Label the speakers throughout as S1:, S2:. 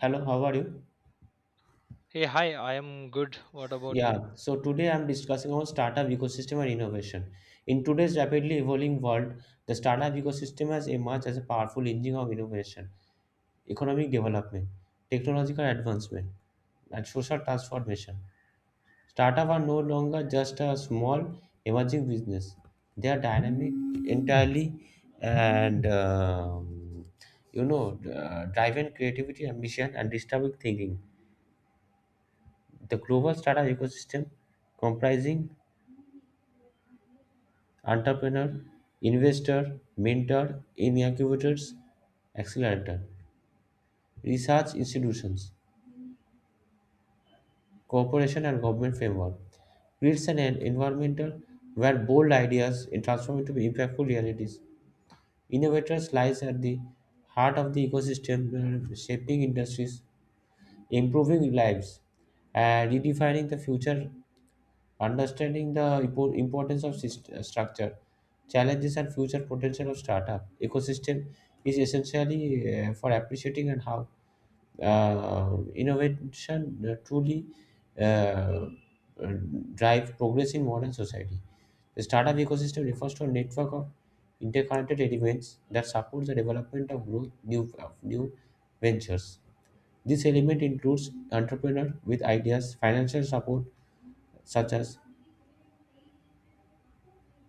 S1: Hello, how are you?
S2: Hey, hi, I am good. What about you?
S1: Yeah, so today I'm discussing on startup ecosystem and innovation. In today's rapidly evolving world, the startup ecosystem has emerged as a powerful engine of innovation, economic development, technological advancement, and social transformation. Startups are no longer just a small emerging business; they are dynamic entirely, and you know, driven creativity, ambition, and distributed thinking. The global startup ecosystem comprising entrepreneur, investor, mentor, incubators, accelerator, research institutions, cooperation and government framework creates an environmental where bold ideas are transformed into impactful realities. Innovators lies at the heart of the ecosystem, shaping industries, improving lives, and redefining the future. Understanding the importance of structure, challenges, and future potential of startup ecosystem is essentially for appreciating and how innovation truly uh, uh, drive progress in modern society. The startup ecosystem refers to a network of interconnected elements that supports the development of growth new of new ventures. This element includes entrepreneurs with ideas, financial support such as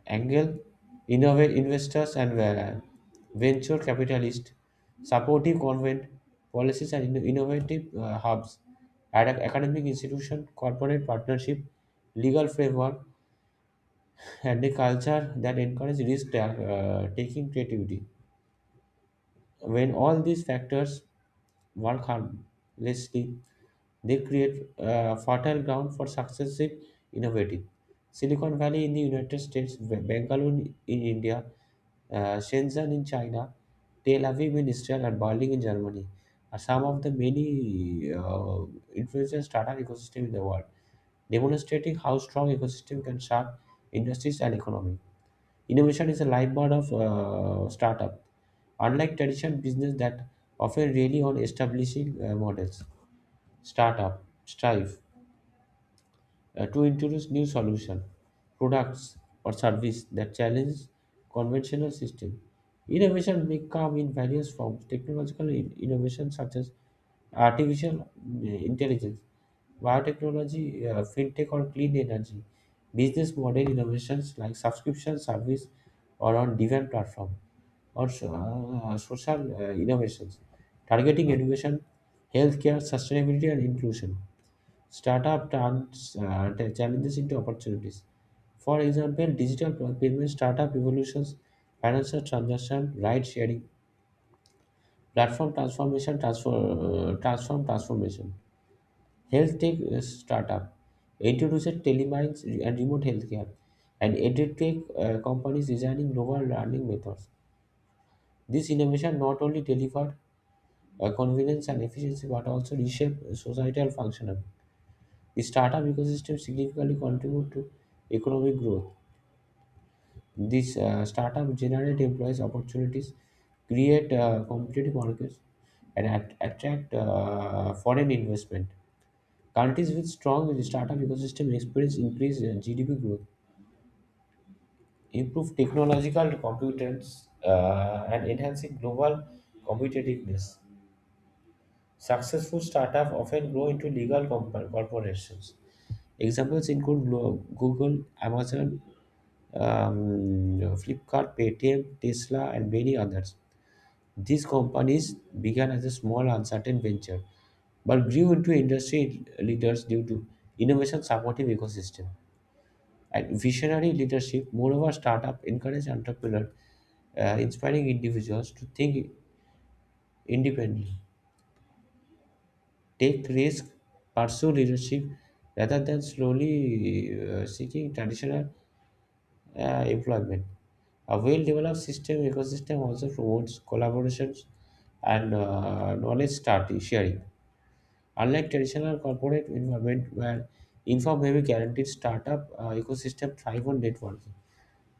S1: Angel, innovate investors and venture capitalists, supportive government policies and innovative hubs, academic institution, corporate partnership, legal framework, and a culture that encourages risk taking creativity. When all these factors work harmlessly, they create fertile ground for successive innovative. Silicon Valley in the United States, Bangalore in India, Shenzhen in China, Tel Aviv in Israel, and Berlin in Germany are some of the many influential startup ecosystem in the world, demonstrating how strong ecosystem can shape industries and economy. Innovation is a lifeblood of startup, unlike traditional business that often rely on establishing models. Startup, strive, to introduce new solution, products or service that challenge conventional system. Innovation may come in various forms. Technological innovation such as artificial intelligence, biotechnology, fintech or clean energy, business model innovations like subscription service or on-demand platform, or social innovations, targeting education, healthcare, sustainability and inclusion. Startup turns the challenges into opportunities. For example, digital payment startup evolutions, financial transaction, ride sharing, platform transformation, transfer, transformation. Health tech startup introduces telemines and remote healthcare, and edtech companies designing novel learning methods. This innovation not only delivered convenience and efficiency but also reshape societal function. Startup ecosystem significantly contribute to economic growth. These startup generate employees opportunities, create competitive markets, and attract foreign investment. Countries with strong startup ecosystem experience increased GDP growth, improve technological competence, and enhancing global competitiveness. Successful startups often grow into legal corporations. Examples include Google, Amazon, Flipkart, Paytm, Tesla, and many others. These companies began as a small, uncertain venture, but grew into industry leaders due to innovation supportive ecosystem and visionary leadership. Moreover, startup encourage entrepreneurs, inspiring individuals to think independently, take risk, pursue leadership rather than slowly seeking traditional employment. A well-developed system ecosystem also promotes collaborations and knowledge sharing. Unlike traditional corporate environment where inform heavy guaranteed startup ecosystem thrive on networking,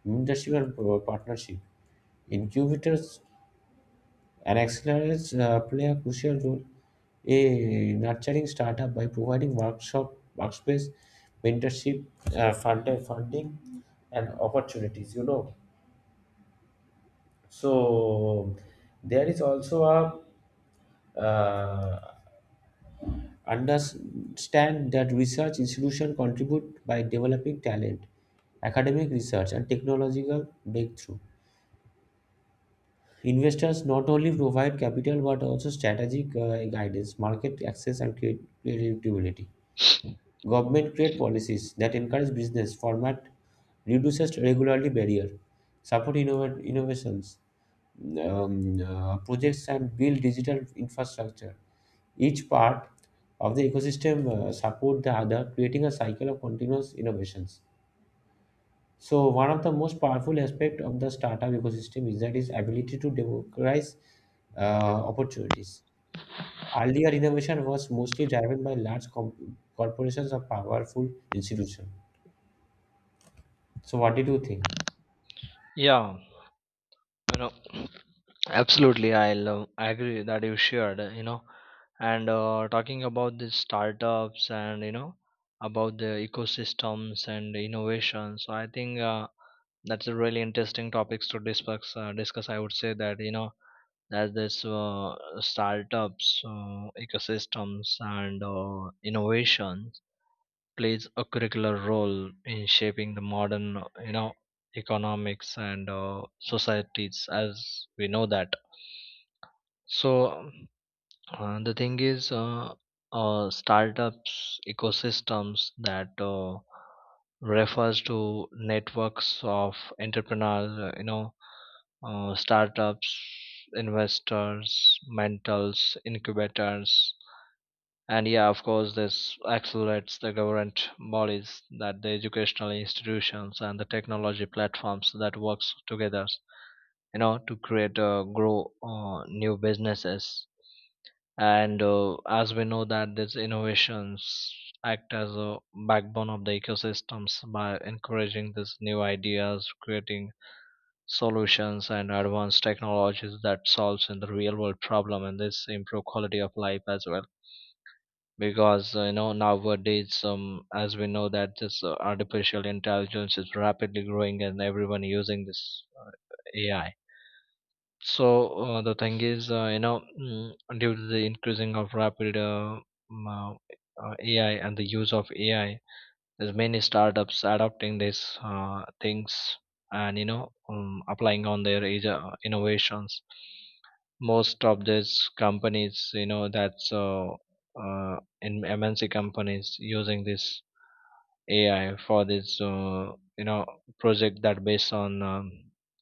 S1: mentorship and partnership. Incubators and accelerators play a crucial role in nurturing startup by providing workshop, workspace, mentorship, funding and opportunities. So there is also a uh, understand that research institution contribute by developing talent, academic research, and technological breakthrough. Investors not only provide capital but also strategic guidance, market access, and creativity. Government create policies that encourage business format, reduces regularly barrier, support innovations, projects, and build digital infrastructure. Each part of the ecosystem support the other, creating a cycle of continuous innovations. So one of the most powerful aspect of the startup ecosystem is that its ability to democratize uh, opportunities. Earlier innovation was mostly driven by large corporations or powerful institutions. So what did you think?
S2: Yeah, you know, absolutely. I'll agree that you shared, and talking about the startups and, about the ecosystems and innovation. So I think that's a really interesting topics to discuss. I would say that, there's this startups, ecosystems and innovations plays a curricular role in shaping the modern you know economics and societies, as we know that. So the thing is startups ecosystems that refers to networks of entrepreneurs, startups, investors, mentors, incubators, and yeah, of course, this accelerates the government bodies, that the educational institutions and the technology platforms that works together, to create, grow new businesses. And as we know that these innovations act as a backbone of the ecosystems by encouraging these new ideas, creating solutions and advanced technologies that solves in the real world problem, and this improve quality of life as well, because nowadays, as we know that this artificial intelligence is rapidly growing and everyone using this AI. So the thing is due to the increasing of rapid um, uh, AI and the use of AI, there's many startups adopting these things. And applying on their innovations, most of these companies that's uh, in MNC companies using this AI for this project that based on um,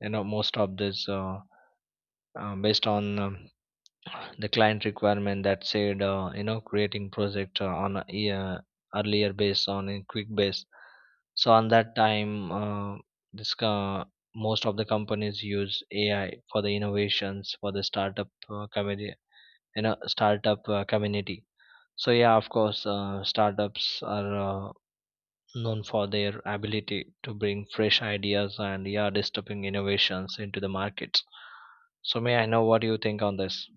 S2: you know most of this based on the client requirement, that said creating project on a yeah, earlier based on a quick base. So on that time this co- most of the companies use AI for the innovations for the startup community. So yeah, of course startups are known for their ability to bring fresh ideas and yeah disturbing innovations into the markets. So may I know what you think on this?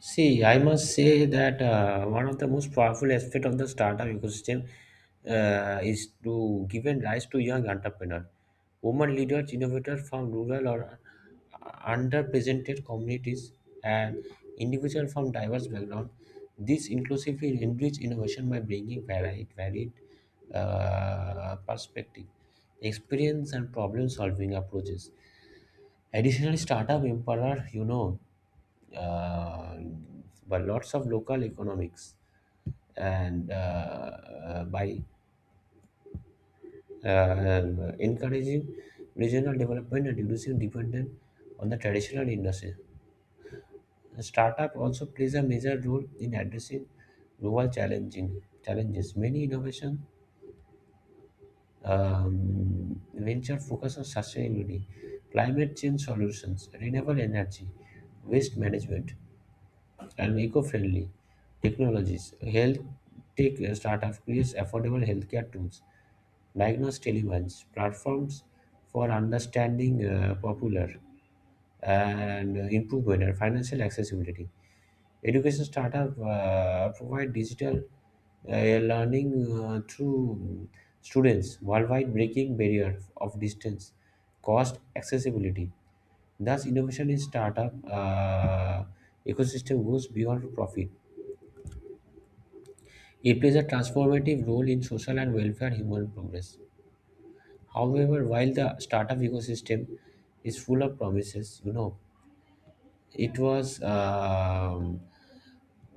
S1: See, I must say that one of the most powerful aspect of the startup ecosystem is to giving rise to young entrepreneurs, women leaders, innovators from rural or uh, underrepresented communities, and individuals from diverse backgrounds. This inclusively enrich innovation by bringing varied perspective, experience, and problem-solving approaches. Additional startup empower, uh, but lots of local economics and by encouraging regional development and reducing dependence on the traditional industry. Startup also plays a major role in addressing global challenging challenges. Many innovation venture focus on sustainability, climate change solutions, renewable energy, waste management, and eco-friendly technologies. Health tech startup creates affordable healthcare tools, diagnostic elements, platforms for understanding popular and improve better financial accessibility. Education startup provide digital learning through students worldwide, breaking barrier of distance, cost, accessibility. Thus, innovation in startup ecosystem goes beyond profit. It plays a transformative role in social and welfare human progress. However, while the startup ecosystem is full of promises, it was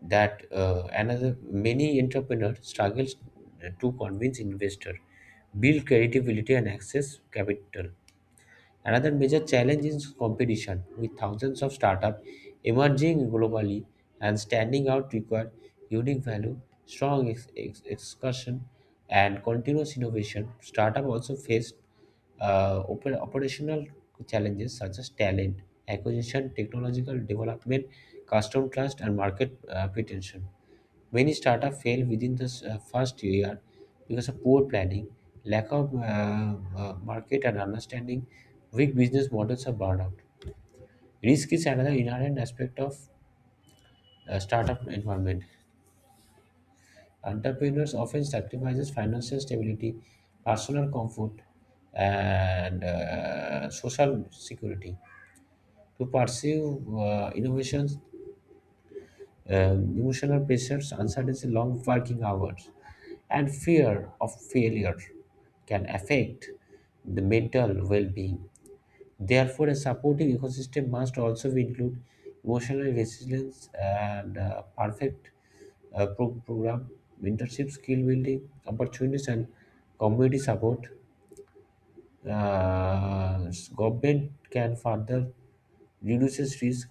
S1: that another many entrepreneurs struggles to convince investor, build credibility and access capital. Another major challenge is competition, with thousands of startups emerging globally and standing out require unique value, strong execution, and continuous innovation. Startups also face operational challenges such as talent acquisition, technological development, customer trust, and market pretension. Many startups fail within the first year because of poor planning, lack of market and understanding, weak business models or burnout. Risk is another inherent aspect of startup environment. Entrepreneurs often sacrifices financial stability, personal comfort, and social security to pursue innovations. Emotional pressures, uncertainty, long working hours, and fear of failure can affect the mental well being. Therefore, a supportive ecosystem must also include emotional resilience and perfect program, mentorship, skill building opportunities, and community support. Uh, Government can further reduce risk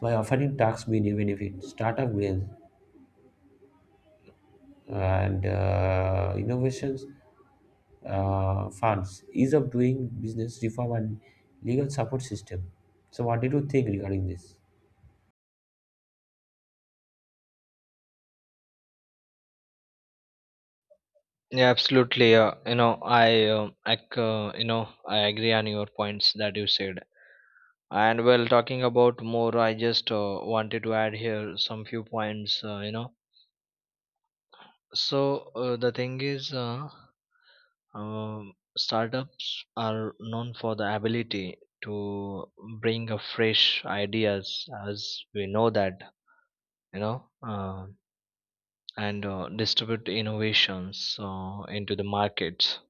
S1: by offering tax benefits, startup grants, and innovations funds, ease of doing business reform and legal support system. So, what did you think regarding this?
S2: Yeah, absolutely. Uh, you know I c- you know I agree on your points that you said. And well, talking about more, I just wanted to add here some few points. So the thing is startups are known for the ability to bring a fresh ideas, as we know that you know, uh, and distribute innovations into the markets.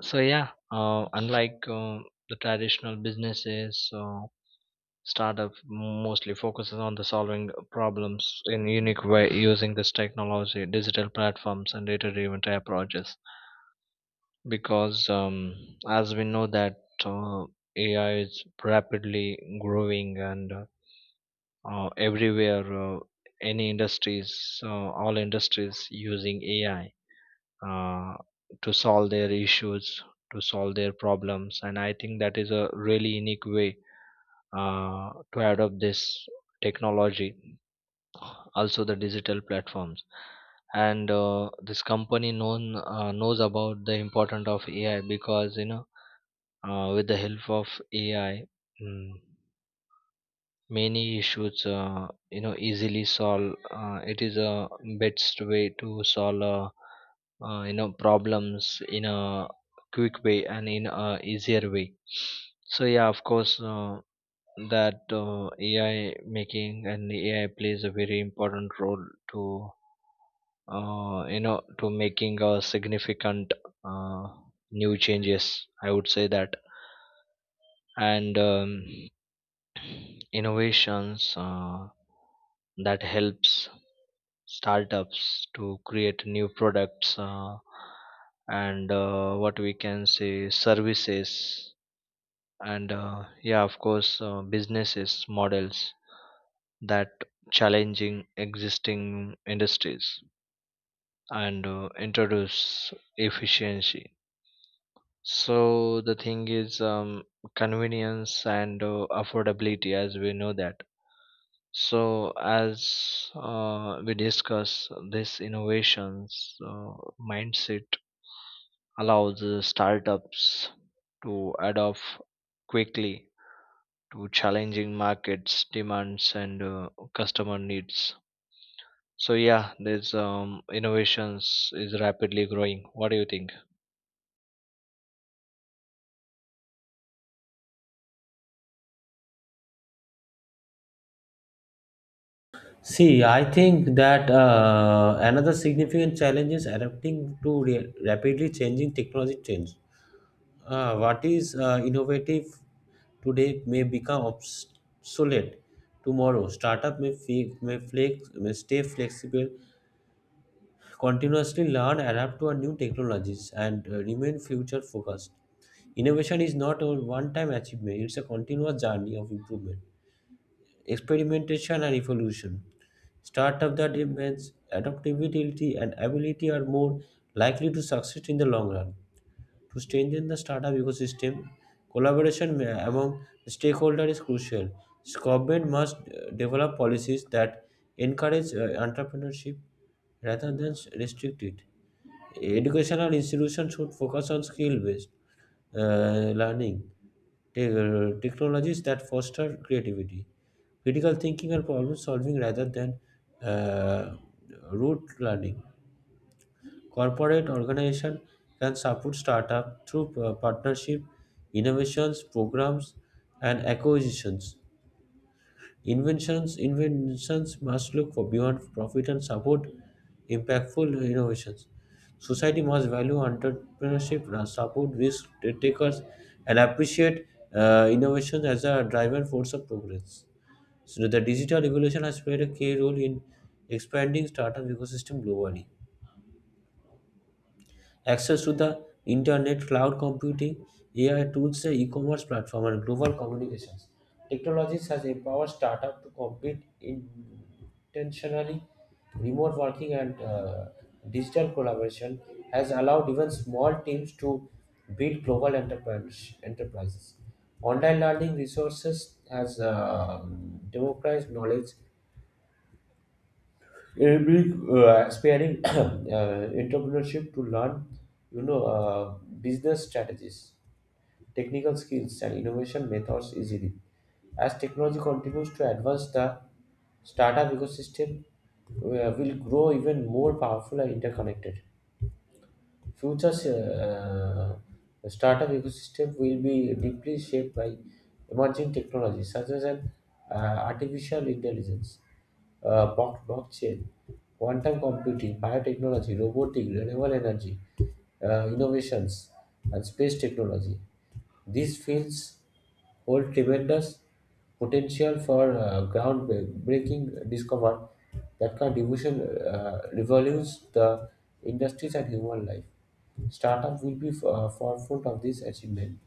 S2: So yeah, unlike the traditional businesses, startup mostly focuses on the solving problems in unique way using this technology, digital platforms, and data-driven approaches. Because as we know that uh, AI is rapidly growing and everywhere, uh, any industries, all industries using AI uh, to solve their issues, to solve their problems. And I think that is a really unique way to adopt this technology. Also, the digital platforms and this company known knows about the importance of AI, because with the help of AI, mm, many issues easily solve. It is a best way to solve problems in a quick way and in a easier way. So yeah, of course that AI making and AI plays a very important role to to making a significant uh, new changes. I would say that. And innovations that helps startups to create new products and what we can say services, and yeah of course businesses models that challenging existing industries and introduce efficiency. So the thing is convenience and affordability, as we know that. So, as we discuss this innovations mindset allows the startups to adapt quickly to challenging markets demands and customer needs. So yeah, this innovations is rapidly growing. What do you think?
S1: See, I think that another significant challenge is adapting to rapidly changing technology trends. What is innovative today may become obsolete tomorrow. Startup may stay flexible continuously learn, adapt to our new technologies, and remain future focused. Innovation is not a one time achievement, it's a continuous journey of improvement, experimentation, and evolution. Startups that invents adaptability and ability are more likely to succeed in the long run. To strengthen the startup ecosystem, collaboration among stakeholders is crucial. Government must develop policies that encourage entrepreneurship rather than restrict it. Educational institutions should focus on skill based learning, technologies that foster creativity, critical thinking, and problem solving rather than uh, rote learning. Corporate organization can support startup through partnership, innovations, programs, and acquisitions. Inventions must look for beyond profit and support impactful innovations. Society must value entrepreneurship, support risk takers, and appreciate innovation as a driver force of progress. So the digital revolution has played a key role in expanding startup ecosystem globally. Access to the internet, cloud computing, AI tools, e-commerce platform, and global communications. Technologies has empowered startup to compete intentionally. Remote working and digital collaboration has allowed even small teams to build global enterprise, enterprises. Online learning resources has democratized knowledge it be aspiring entrepreneurship to learn, you know, uh, business strategies, technical skills, and innovation methods easily. As technology continues to advance, the startup ecosystem will grow even more powerful and interconnected. Future startup ecosystem will be deeply shaped by emerging technologies such as artificial intelligence, blockchain, quantum computing, biotechnology, robotic, renewable energy, innovations, and space technology. These fields hold tremendous potential for groundbreaking discovery that can revolutionize the industries and human life. Startup will be forefront of this achievement,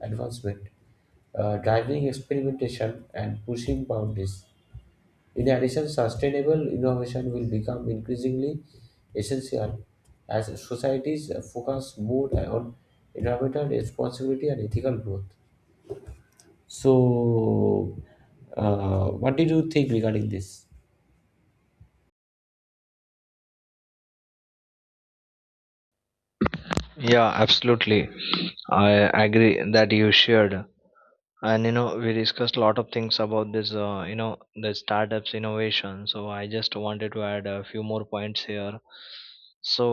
S1: advancement, driving experimentation and pushing boundaries. In addition, sustainable innovation will become increasingly essential as societies focus more on environmental responsibility and ethical growth. So, what did you think regarding this?
S2: Yeah, absolutely. I agree that you shared. And we discussed a lot of things about this, the startups innovation. So I just wanted to add a few more points here. So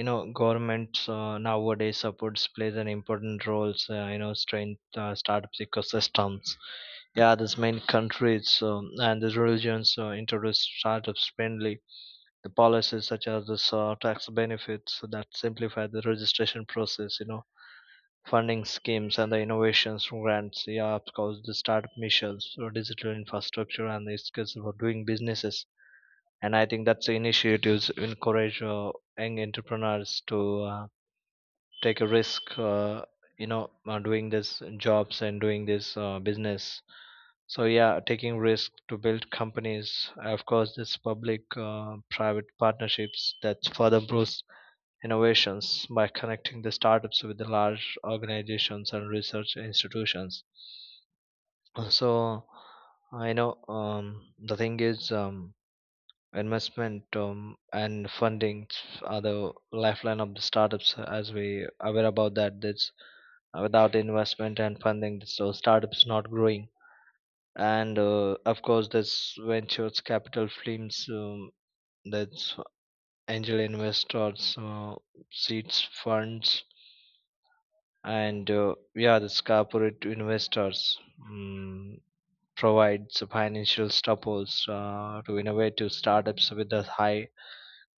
S2: governments nowadays supports plays an important role, strength startups ecosystems. Yeah, this main countries, and the religions introduce startups friendly the policies, such as this tax benefits that simplify the registration process, funding schemes and the innovations grants, yeah of course the startup missions for digital infrastructure and the skills for doing businesses. And I think that's the initiatives encourage young entrepreneurs to take a risk, doing this jobs and doing this business. So yeah, taking risk to build companies, of course this public private partnerships that further boosts innovations by connecting the startups with the large organizations and research institutions. So, I know the thing is investment and funding are the lifeline of the startups. As we aware about that, that's without investment and funding, so startups not growing. And of course, this ventures capital firms, that's angel investors, seeds funds, and yeah this corporate investors mm, provides financial support to innovative startups with a high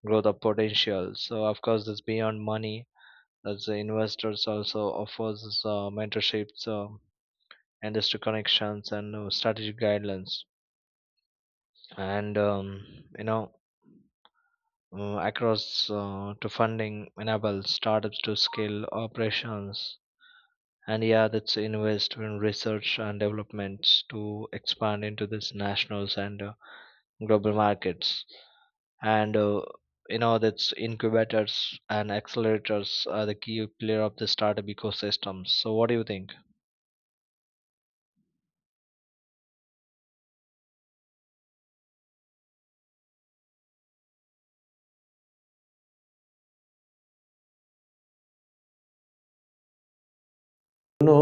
S2: growth of potential. So of course, this beyond money, as the investors also offers mentorships, industry connections, and strategic guidelines. And you know across to funding enable startups to scale operations, and yeah that's invest in research and developments to expand into this nationals and global markets. And that's incubators and accelerators are the key player of the startup ecosystem. So what do you think?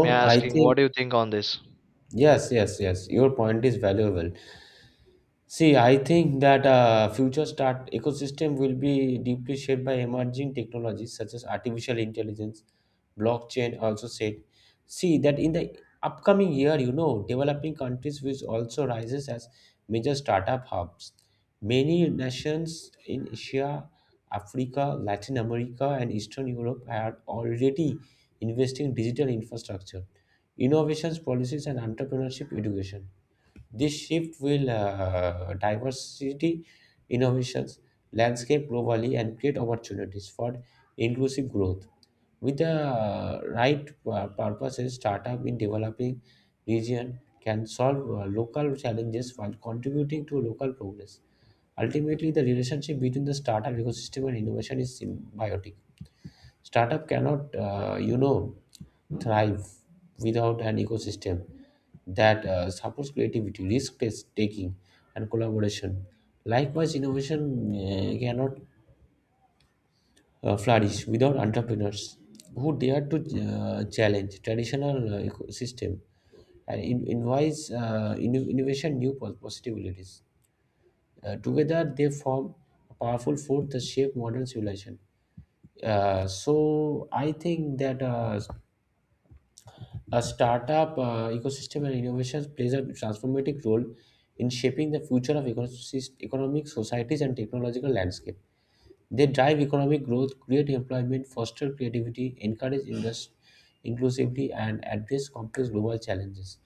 S2: May I
S1: I
S2: asking
S1: think
S2: what do you think on this?
S1: yes, yes, yes. Your point is valuable. See, I think that future start ecosystem will be deeply shaped by emerging technologies such as artificial intelligence, blockchain. Also said, see that in the upcoming year, you know, developing countries which also rises as major startup hubs. Many nations in Asia, Africa, Latin America, and Eastern Europe are already investing in digital infrastructure, innovations, policies, and entrepreneurship education. This shift will diversity innovations landscape globally and create opportunities for inclusive growth. With the right purposes, startup in developing region can solve local challenges while contributing to local progress. Ultimately, the relationship between the startup ecosystem and innovation is symbiotic. Startup cannot thrive without an ecosystem that supports creativity, risk taking, and collaboration. Likewise, innovation cannot flourish without entrepreneurs who dare to challenge traditional ecosystem and invites innovation new possibilities. Together, they form a powerful force that shape modern civilization. So I think that a startup ecosystem and innovations plays a transformative role in shaping the future of economic societies and technological landscape. They drive economic growth, create employment, foster creativity, encourage industry inclusively, and address complex global challenges.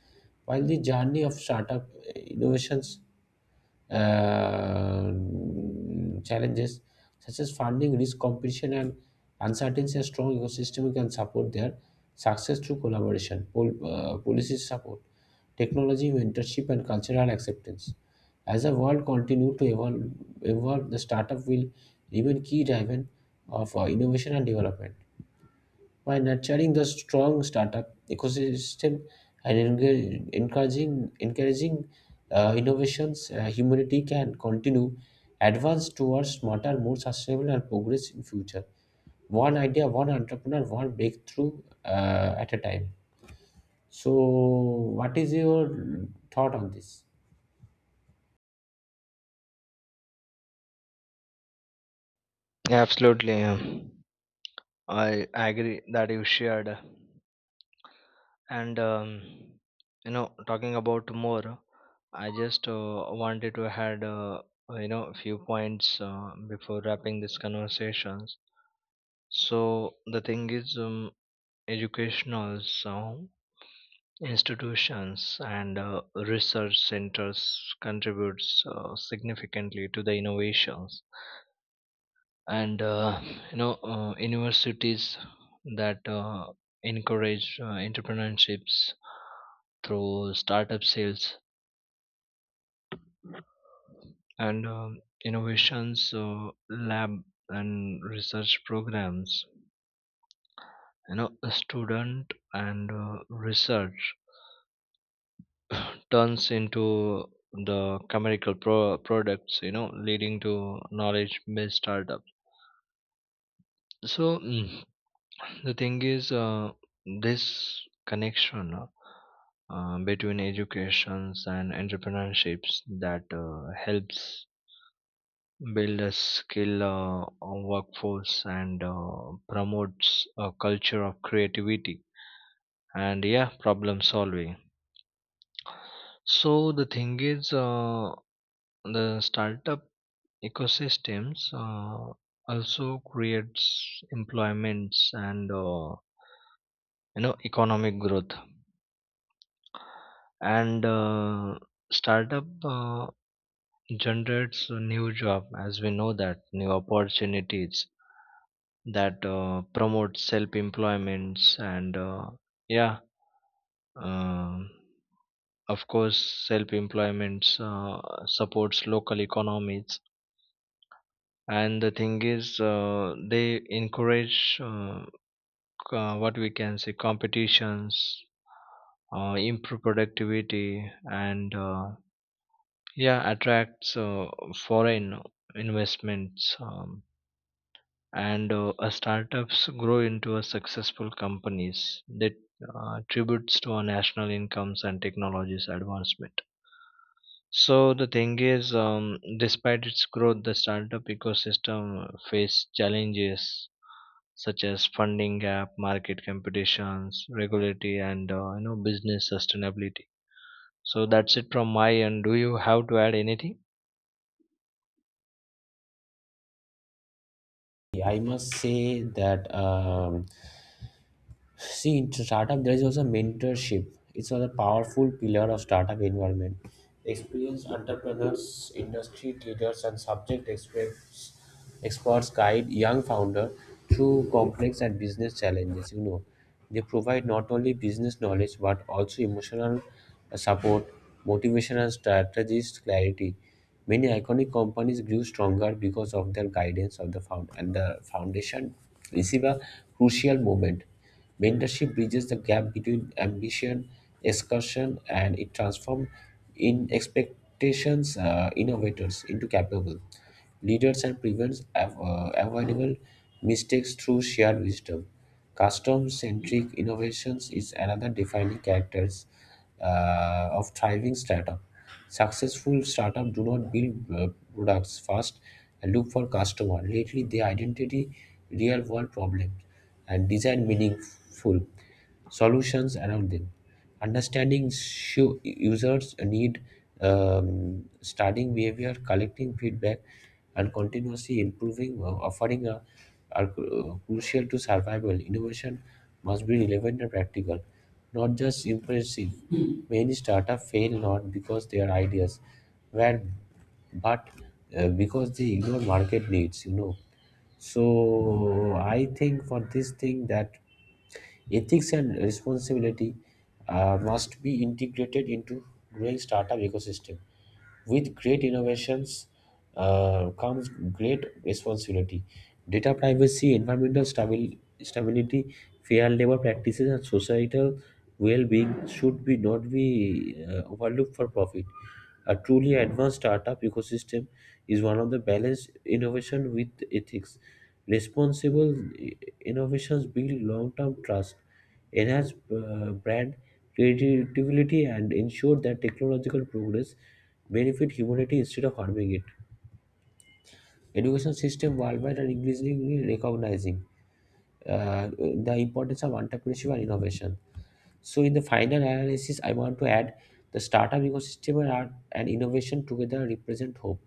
S1: While the journey of startup innovations uh, challenges such as funding, risk competition, and uncertainty. A strong ecosystem can support their success through collaboration, policy support, technology, mentorship, and cultural acceptance. As the world continues to evolve, the startup will remain key driver of innovation and development. By nurturing the strong startup ecosystem and encouraging innovations, humanity can continue advance towards smarter, more sustainable, and progress in future. One idea, one entrepreneur, one breakthrough at a time. So, what is your thought on this?
S2: Absolutely, yeah. I agree that you shared. And talking about more, I just wanted to add a few points before wrapping this conversations. So the thing is educational so institutions and research centers contributes significantly to the innovations. And universities that encourage entrepreneurships through startup sales and innovations lab and research programs. A student and research turns into the chemical products, leading to knowledge based startup. So the thing is this connection between educations and entrepreneurships that helps build a skill workforce and promotes a culture of creativity and yeah problem solving. So the thing is the startup ecosystems also creates employments and economic growth. And startup generates a new job, as we know that, new opportunities that promote self employments, and yeah um, of course self employments supports local economies. And the thing is they encourage what we can say competitions, improve productivity, and yeah attracts foreign investments, and startups grow into a successful companies that tributes to our national incomes and technologies advancement. So the thing is despite its growth, the startup ecosystem face challenges such as funding gap, market competitions, regulatory, and business sustainability. So that's it from my end. Do you have to add anything?
S1: I must say that see, in startup, there is also mentorship. It's another powerful pillar of startup environment. Experienced entrepreneurs, industry leaders, and subject experts guide young founder through complex and business challenges. You know, they provide not only business knowledge but also emotional support, motivation, and strategist clarity. Many iconic companies grew stronger because of their guidance of the found and the foundation receive a crucial moment. Mentorship bridges the gap between ambition, excursion, and it transforms in expectations innovators into capable leaders and prevents avoidable mistakes through shared wisdom. Custom-centric innovations is another defining characters of thriving startup. Successful startup do not build products fast and look for customer. Lately, they identity real-world problems and design meaningful solutions around them. Understanding users' need, studying behavior, collecting feedback, and continuously improving, offering a, are crucial to survival. Innovation must be relevant and practical, not just impressive. Many startups fail not because their ideas were, but because they ignore market needs. You know, so I think for this thing that ethics and responsibility must be integrated into growing startup ecosystem with great innovations comes great responsibility. Data privacy, environmental stability, fair labor practices, and societal well-being should be not be overlooked for profit. A truly advanced startup ecosystem is one of the balanced innovation with ethics. Responsible innovations build long-term trust enhance brand creativity, and ensure that technological progress benefit humanity instead of harming it. Education system worldwide are increasingly recognizing the importance of entrepreneurship and innovation. So, in the final analysis, I want to add the startup ecosystem and art and innovation together represent hope.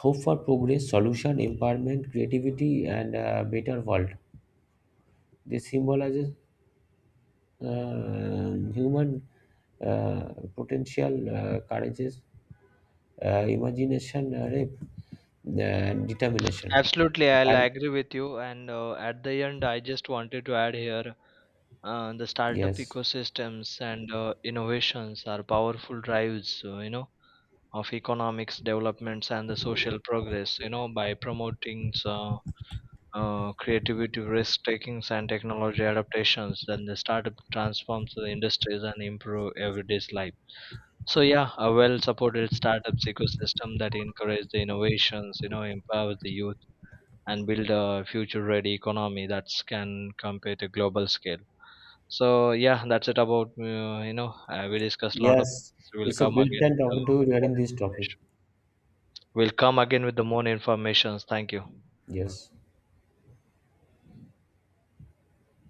S1: Hope for progress, solution, empowerment, creativity, and a better world. This symbolizes human potential courageous imagination rape, determination.
S2: Absolutely, I'll
S1: While-
S2: agree with you. And at the end, I just wanted to add here the startup
S1: yes,
S2: ecosystems and innovations are powerful drives, of economics developments and the social progress, by promoting creativity, risk takings, and technology adaptations. Then the startup transforms the industries and improve everyday's life. So yeah, a well-supported startups ecosystem that encourages the innovations, empowers the youth and build a future ready economy that can compete a global scale. So yeah, that's it about. We discussed a lot of
S1: yes,
S2: things. We'll
S1: it's a
S2: come
S1: great
S2: again
S1: time
S2: with the
S1: talking to you
S2: more
S1: regarding this topic.
S2: information. We'll come again with the more informations. Thank you.
S1: Yes.